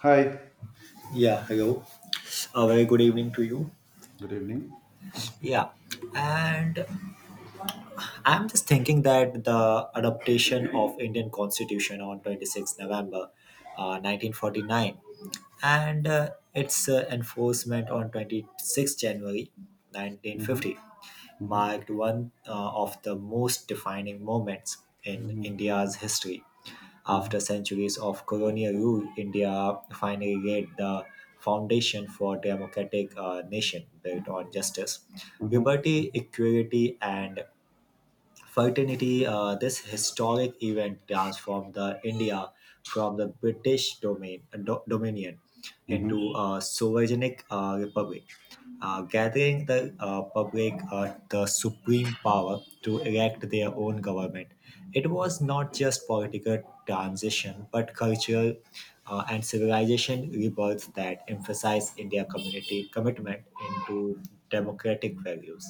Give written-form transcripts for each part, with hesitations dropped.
Hi, Yeah, hello. A very good evening to you. good evening. Yeah, and I'm just thinking that the adaptation of Indian Constitution on 26 November 1949 and its enforcement on 26 January hmm 1950 hmm marked one of the most defining moments in hmm India's history. After centuries of colonial rule, India finally laid the foundation for a democratic nation built on justice, hmm liberty, equality, and Fraternity. This historic event transformed the India from the British domain dominion hmm into a sovereign republic, gathering the public the supreme power to elect their own government. It was not just political transition, but cultural and civilization rebirth that emphasized India community commitment into democratic values.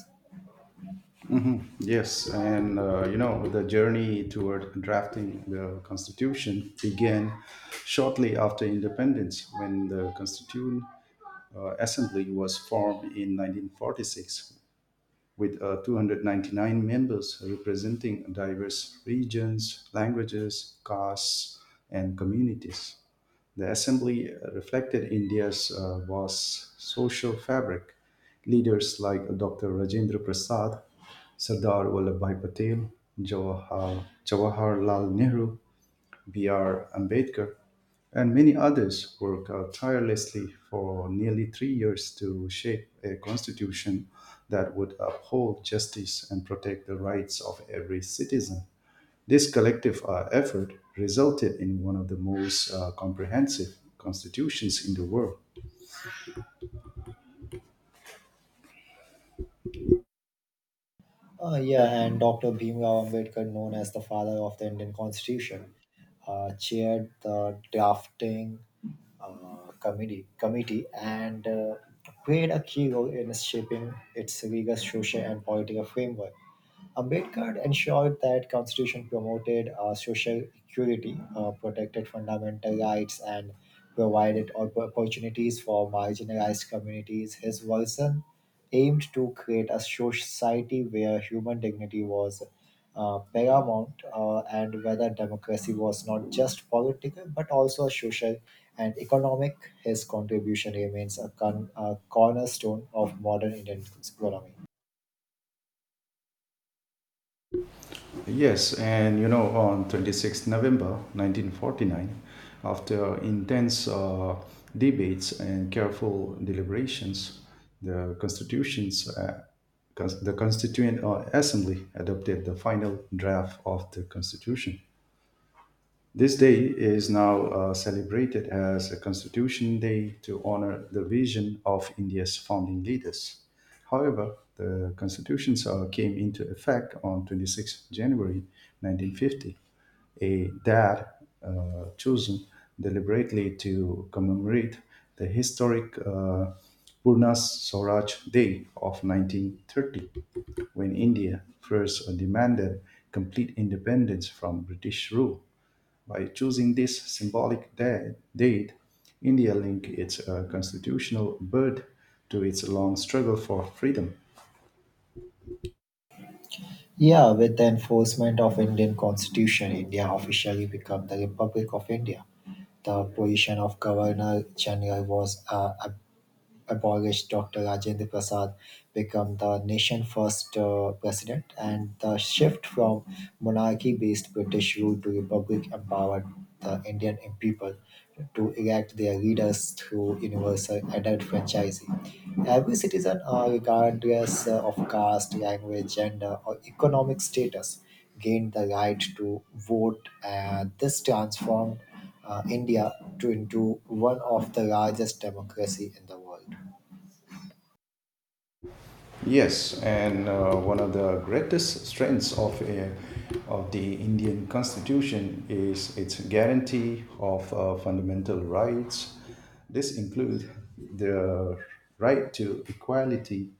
Yes, and you know, the journey toward drafting the Constitution began shortly after independence when the Constituent Assembly was formed in 1946 with 299 members representing diverse regions, languages, castes, and communities. The assembly reflected India's vast social fabric. Leaders like Dr. Rajendra Prasad, Sardar Vallabhbhai Patel, Jawaharlal Nehru, B.R. Ambedkar, and many others worked tirelessly for nearly 3 years to shape a constitution that would uphold justice and protect the rights of every citizen. This collective effort resulted in one of the most comprehensive constitutions in the world. Yeah, and Dr. Bhimrao Ambedkar, known as the father of the Indian Constitution, chaired the drafting committee and played a key role in shaping its rigorous social and political framework. Ambedkar ensured that constitution promoted social equality, protected fundamental rights, and opportunities for marginalized communities. His version aimed to create a society where human dignity was paramount and whether democracy was not just political but also social and economic. His contribution remains a cornerstone of modern Indian economy. Yes, and you know, on 26th November 1949, after intense debates and careful deliberations, the constitutions, uh, the Constituent Assembly adopted the final draft of the Constitution. This day is now celebrated as a Constitution Day to honor the vision of India's founding leaders. However, the Constitution came into effect on 26 January 1950, a date chosen deliberately to commemorate the historic Purna Swaraj Day of 1930, when India first demanded complete independence from British rule. By choosing this symbolic date, India linked its constitutional birth to its long struggle for freedom. Yeah, with the enforcement of Indian Constitution, India officially became the Republic of India. The position of Governor General was abolished. Dr. Rajendra Prasad become the nation's first president, and the shift from monarchy-based British rule to republic empowered the Indian people to elect their leaders through universal adult franchising. Every citizen, regardless of caste, language, gender, or economic status, gained the right to vote, and this transformed India to into one of the largest democracy in the world. Yes, and one of the greatest strengths of the Indian Constitution is its guarantee of fundamental rights. This includes the right to equality,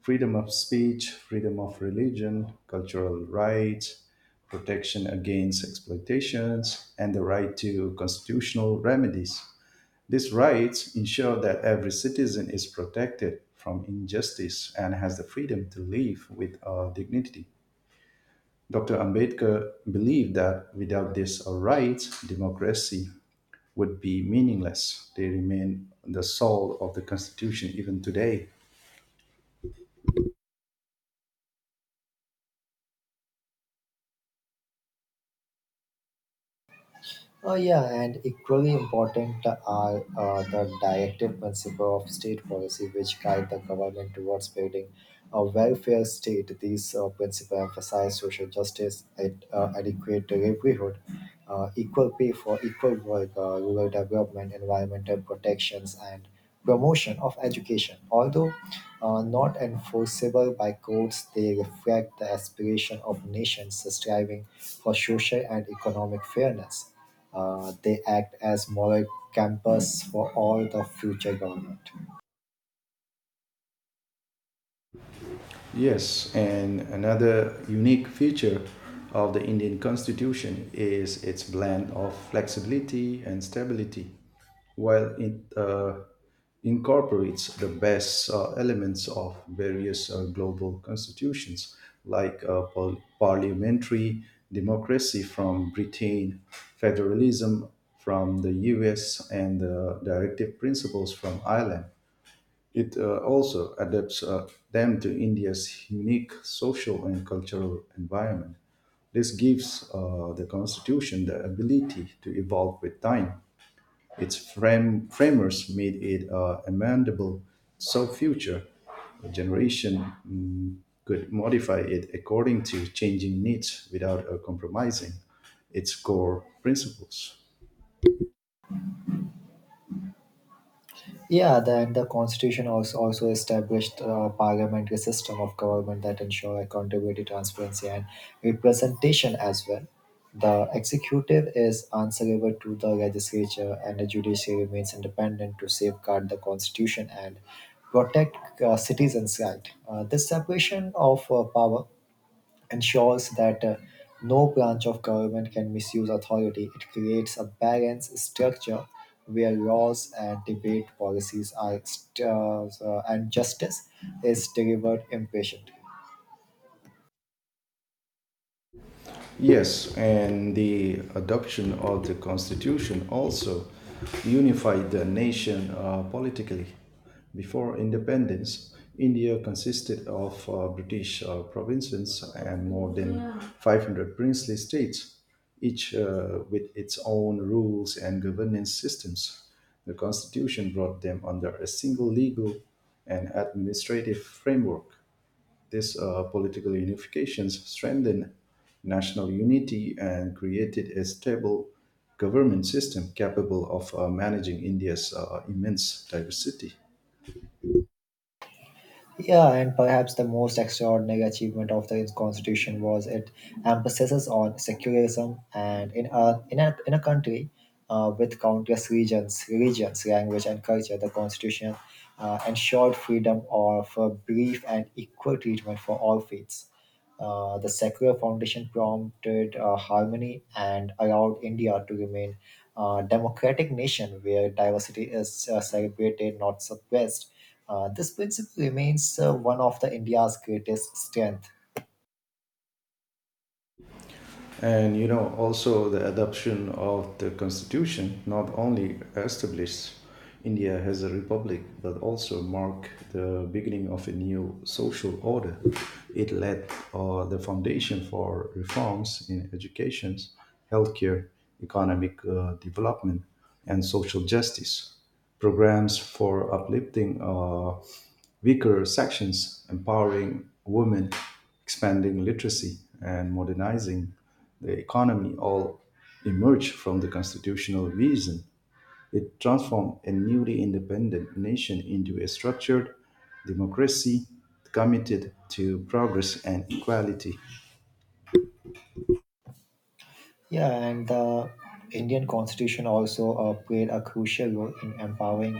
freedom of speech, freedom of religion, cultural rights, protection against exploitations, and the right to constitutional remedies. These rights ensure that every citizen is protected from injustice and has the freedom to live with dignity. Dr. Ambedkar believed that without these rights, democracy would be meaningless. They remain the soul of the Constitution even today. Oh yeah, and equally important are the directive principle of state policy, which guide the government towards building a welfare state. These principles emphasize social justice, adequate livelihood, equal pay for equal work, rural development, environmental protections, and promotion of education. Although not enforceable by courts, they reflect the aspiration of nations striving for social and economic fairness. They act as moral campus for all the future government. Yes, and another unique feature of the Indian constitution is its blend of flexibility and stability, while it incorporates the best elements of various global constitutions like parliamentary democracy from Britain, federalism from the US, and the directive principles from Ireland. It also adapts them to India's unique social and cultural environment. This gives the constitution the ability to evolve with time. Its framers made it amendable so future generation could modify it according to changing needs without compromising its core principles. Yeah, then the constitution also established a parliamentary system of government that ensure accountability, transparency, and representation as well. The executive is answerable to the legislature, and the judiciary remains independent to safeguard the constitution and protect citizens' right. This separation of power ensures that no branch of government can misuse authority. It creates a balanced structure where laws and debate policies and justice is delivered impatiently. Yes, and the adoption of the constitution also unified the nation politically. Before independence, India consisted of British provinces and more than 500 princely states, each with its own rules and governance systems. The constitution brought them under a single legal and administrative framework. This political unifications strengthened national unity and created a stable government system capable of managing India's immense diversity. Yeah, and perhaps the most extraordinary achievement of the constitution was it emphasizes on secularism and in a country with countless regions, religions, language, and culture, the constitution ensured freedom of belief and equal treatment for all faiths. The secular foundation prompted harmony and allowed India to remain a democratic nation where diversity is celebrated, not suppressed. This principle remains one of the India's greatest strength. And you know, also the adoption of the constitution not only established India as a republic, but also marked the beginning of a new social order. It led the foundation for reforms in education, healthcare, economic development, and social justice. Programs for uplifting weaker sections, empowering women, expanding literacy, and modernizing the economy all emerged from the constitutional vision. It transformed a newly independent nation into a structured democracy committed to progress and equality. Yeah, and the Indian Constitution also played a crucial role in empowering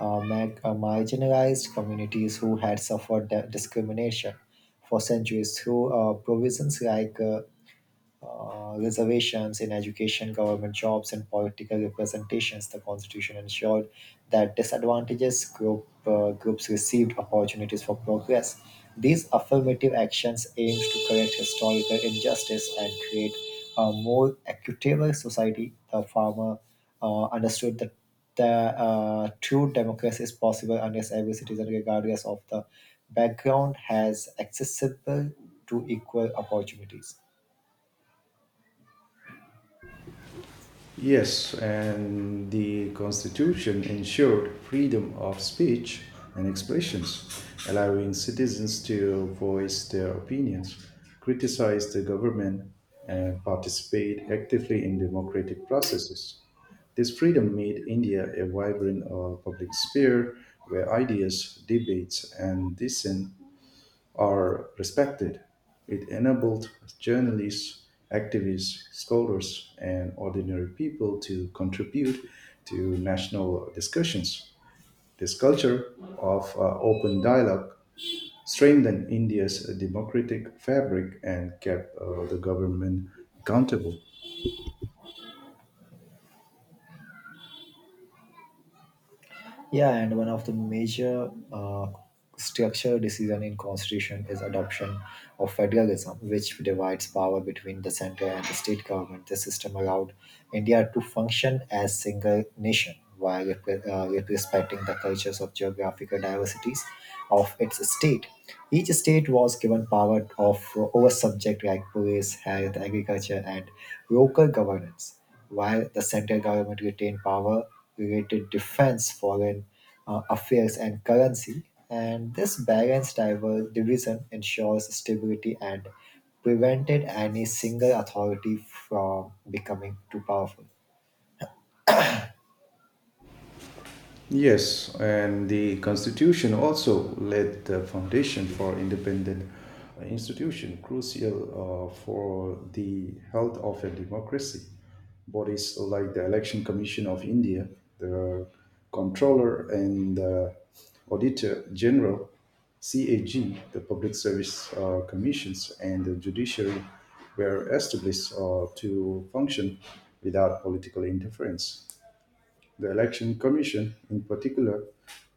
marginalized communities who had suffered discrimination for centuries through provisions like reservations in education, government jobs, and political representations, the Constitution ensured that groups received opportunities for progress. These affirmative actions aimed to correct historical injustice and create a more equitable society. The farmer understood that the true democracy is possible unless every citizen, regardless of the background, has accessible to equal opportunities. Yes, and the Constitution ensured freedom of speech and expressions, allowing citizens to voice their opinions, criticize the government, and participate actively in democratic processes. This freedom made India a vibrant public sphere where ideas, debates, and dissent are respected. It enabled journalists, activists, scholars, and ordinary people to contribute to national discussions. This culture of open dialogue strengthened India's democratic fabric and kept the government accountable. Yeah, and one of the major structural decision in constitution is adoption of federalism, which divides power between the central and the state government. The system allowed India to function as single nation while respecting the cultures of geographical diversities of its state. Each state was given power of over subject like police, health, agriculture, and local governance. While the central government retained power related defense, foreign affairs, and currency, and this balanced division ensures stability and prevented any single authority from becoming too powerful. Yes, and the constitution also laid the foundation for independent institution crucial for the health of a democracy. Bodies like the Election Commission of India, the Controller and the Auditor General CAG, the Public Service Commissions, and the Judiciary were established to function without political interference. The Election Commission, in particular,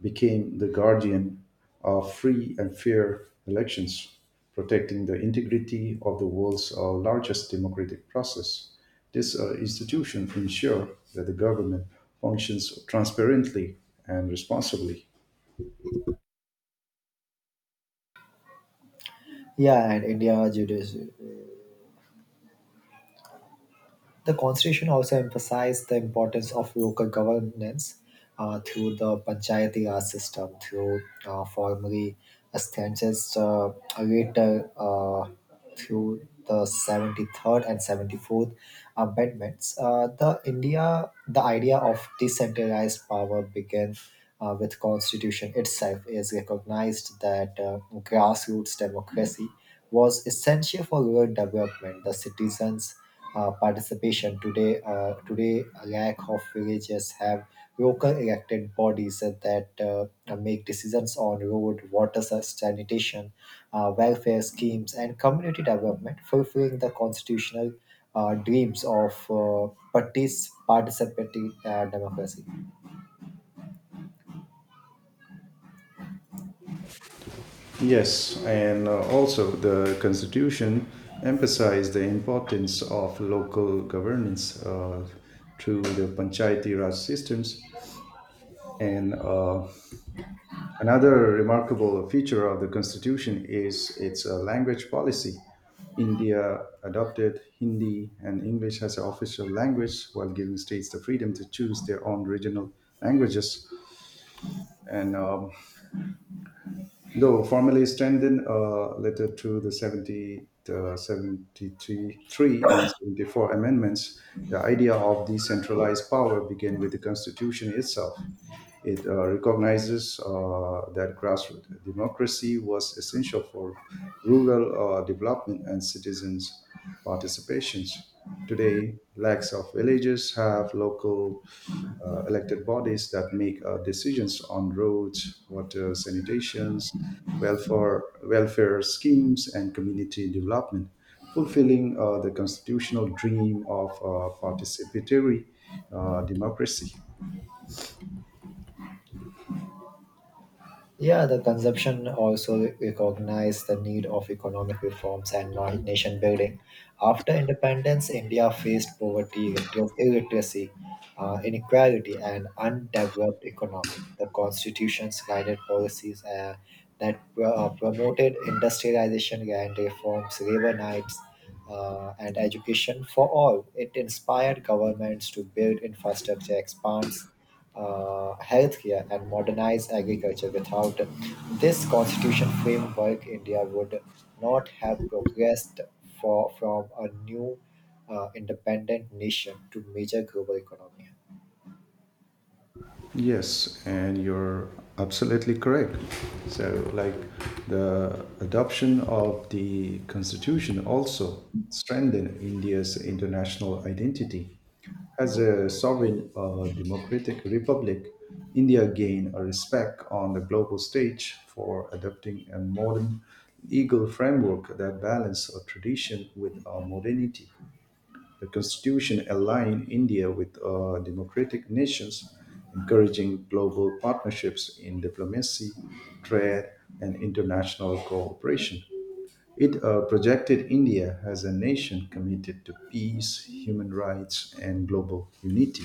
became the guardian of free and fair elections, protecting the integrity of the world's largest democratic process. This institution ensures that the government functions transparently and responsibly. Yeah, and India judici The constitution also emphasized the importance of local governance through the Panchayati Raj system, through formally established later through the 73rd and 74th amendments. The idea of decentralized power began with constitution itself is recognized that grassroots democracy was essential for rural development. The citizens participation. Today, a lack of villages have local elected bodies that make decisions on road, water, sanitation, welfare schemes, and community development, fulfilling the constitutional dreams of participatory democracy. Yes, and also the Constitution emphasized the importance of local governance through the Panchayati Raj systems and another remarkable feature of the Constitution is its language policy. India adopted Hindi and English as an official language while giving states the freedom to choose their own regional languages. And though formally strengthened a letter to the 73 three and 74 amendments, the idea of decentralized power began with the Constitution itself. It recognizes that grassroots democracy was essential for rural development and citizens' participations. Today, lakhs of villages have local elected bodies that make decisions on roads, water, sanitations, welfare schemes, and community development, fulfilling the constitutional dream of participatory democracy. Yeah, the consumption also recognized the need of economic reforms and nation building. After independence, India faced poverty, illiteracy, inequality, and undeveloped economy. The constitutions guided policies that promoted industrialization, land reforms, labor rights, and education for all. It inspired governments to build infrastructure, expands healthcare and modernize agriculture. Without this constitution framework, India would not have progressed from a new independent nation to major global economy. Yes, and you're absolutely correct. So, like the adoption of the constitution also strengthened India's international identity. As a sovereign democratic republic, India gained a respect on the global stage for adopting a modern legal framework that balances a tradition with modernity. The constitution aligned India with democratic nations, encouraging global partnerships in diplomacy, trade, and international cooperation. It projected India as a nation committed to peace, human rights, and global unity.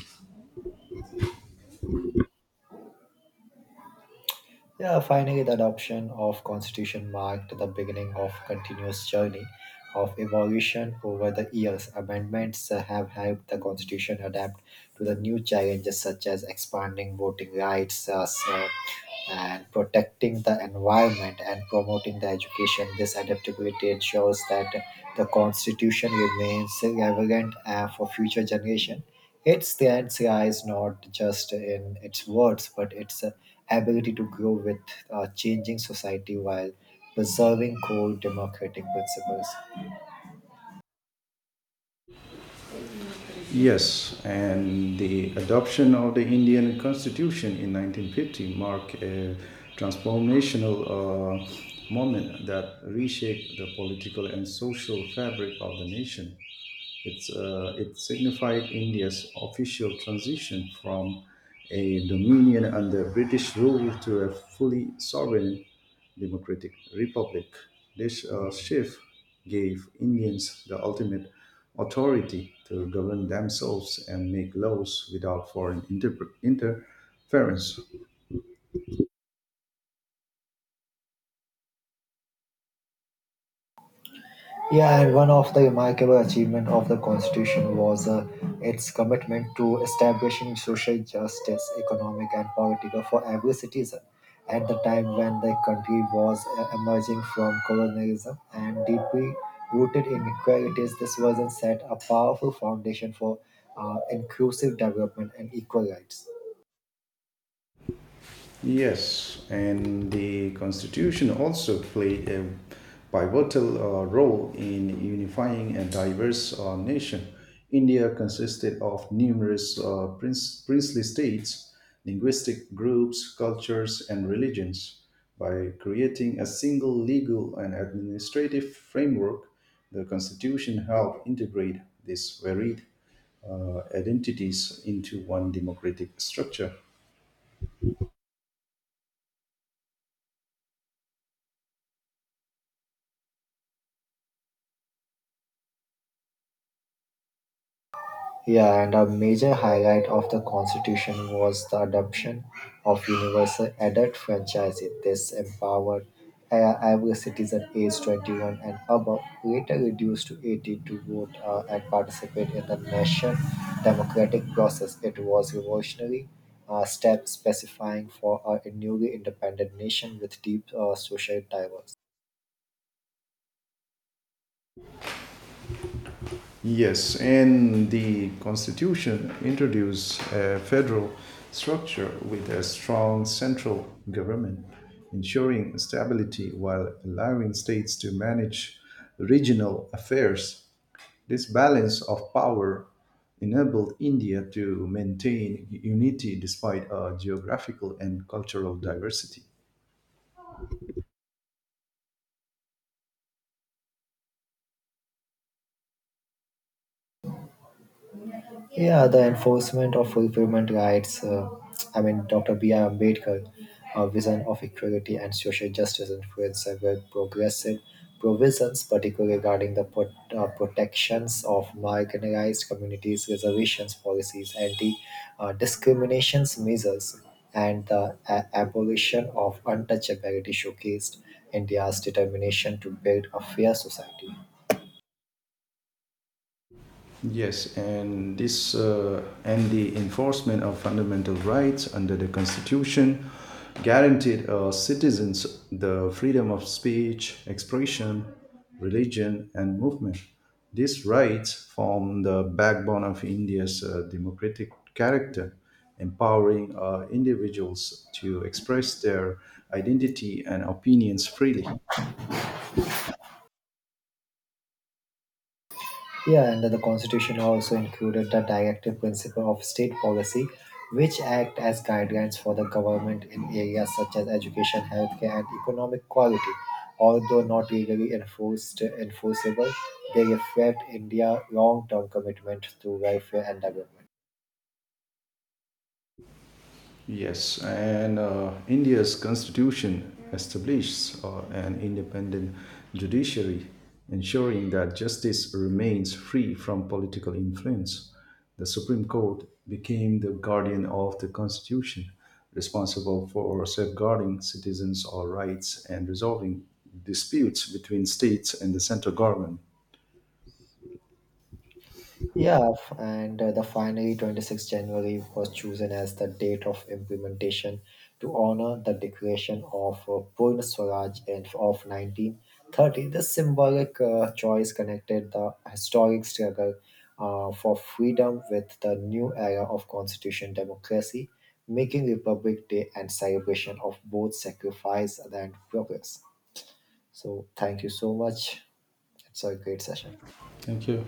Yeah, finally, the adoption of constitution marked the beginning of continuous journey of evolution over the years. Amendments have helped the constitution adapt to the new challenges such as expanding voting rights, and protecting the environment and promoting the education. This adaptability ensures that the constitution remains relevant for future generation. Its strength lies not just in its words, but its ability to grow with a changing society while preserving core democratic principles. Yes, and the adoption of the Indian Constitution in 1950 marked a transformational moment that reshaped the political and social fabric of the nation. It signified India's official transition from a dominion under British rule to a fully sovereign democratic republic. This shift gave Indians the ultimate authority to govern themselves and make laws without foreign interference. Yeah, and one of the remarkable achievements of the Constitution was its commitment to establishing social justice, economic and political, for every citizen. At the time when the country was emerging from colonialism and deeply rooted inequalities, this was set a powerful foundation for inclusive development and equal rights. Yes, and the Constitution also played a pivotal role in unifying a diverse nation. India consisted of numerous princely states, linguistic groups, cultures, and religions. By creating a single legal and administrative framework, the Constitution helped integrate these varied identities into one democratic structure. Yeah, and a major highlight of the Constitution was the adoption of universal adult franchise. This empowered every citizen aged 21 and above, later reduced to 18, to vote and participate in the nation democratic process. It was revolutionary step specifying for a newly independent nation with deep social diversity. Yes, and the constitution introduced a federal structure with a strong central government, ensuring stability while allowing states to manage regional affairs. This balance of power enabled India to maintain unity despite a geographical and cultural diversity. Yeah, the enforcement of fulfillment rights. I mean, Dr. B.R. Ambedkar, a vision of equality and social justice influenced several progressive provisions, particularly regarding the protections of marginalized communities, reservations policies, anti discriminations measures, and the abolition of untouchability showcased India's determination to build a fair society. Yes, and this and the enforcement of fundamental rights under the Constitution guaranteed citizens the freedom of speech, expression, religion, and movement. These rights form the backbone of India's democratic character, empowering individuals to express their identity and opinions freely. Yeah, and the Constitution also included the directive principle of state policy, which act as guidelines for the government in areas such as education, healthcare, and economic quality. Although not legally enforced, enforceable, they reflect India's long-term commitment to welfare and development. Yes, and India's constitution establishes an independent judiciary, ensuring that justice remains free from political influence. The Supreme Court became the guardian of the constitution, responsible for safeguarding citizens' all rights and resolving disputes between states and the central government. Yeah, f- and the finally 26th January was chosen as the date of implementation to honor the declaration of Purna Swaraj of 1930. This symbolic choice connected the historic struggle for freedom with the new era of constitution democracy, making Republic Day and celebration of both sacrifice and progress. So, thank you so much. It's a great session. Thank you.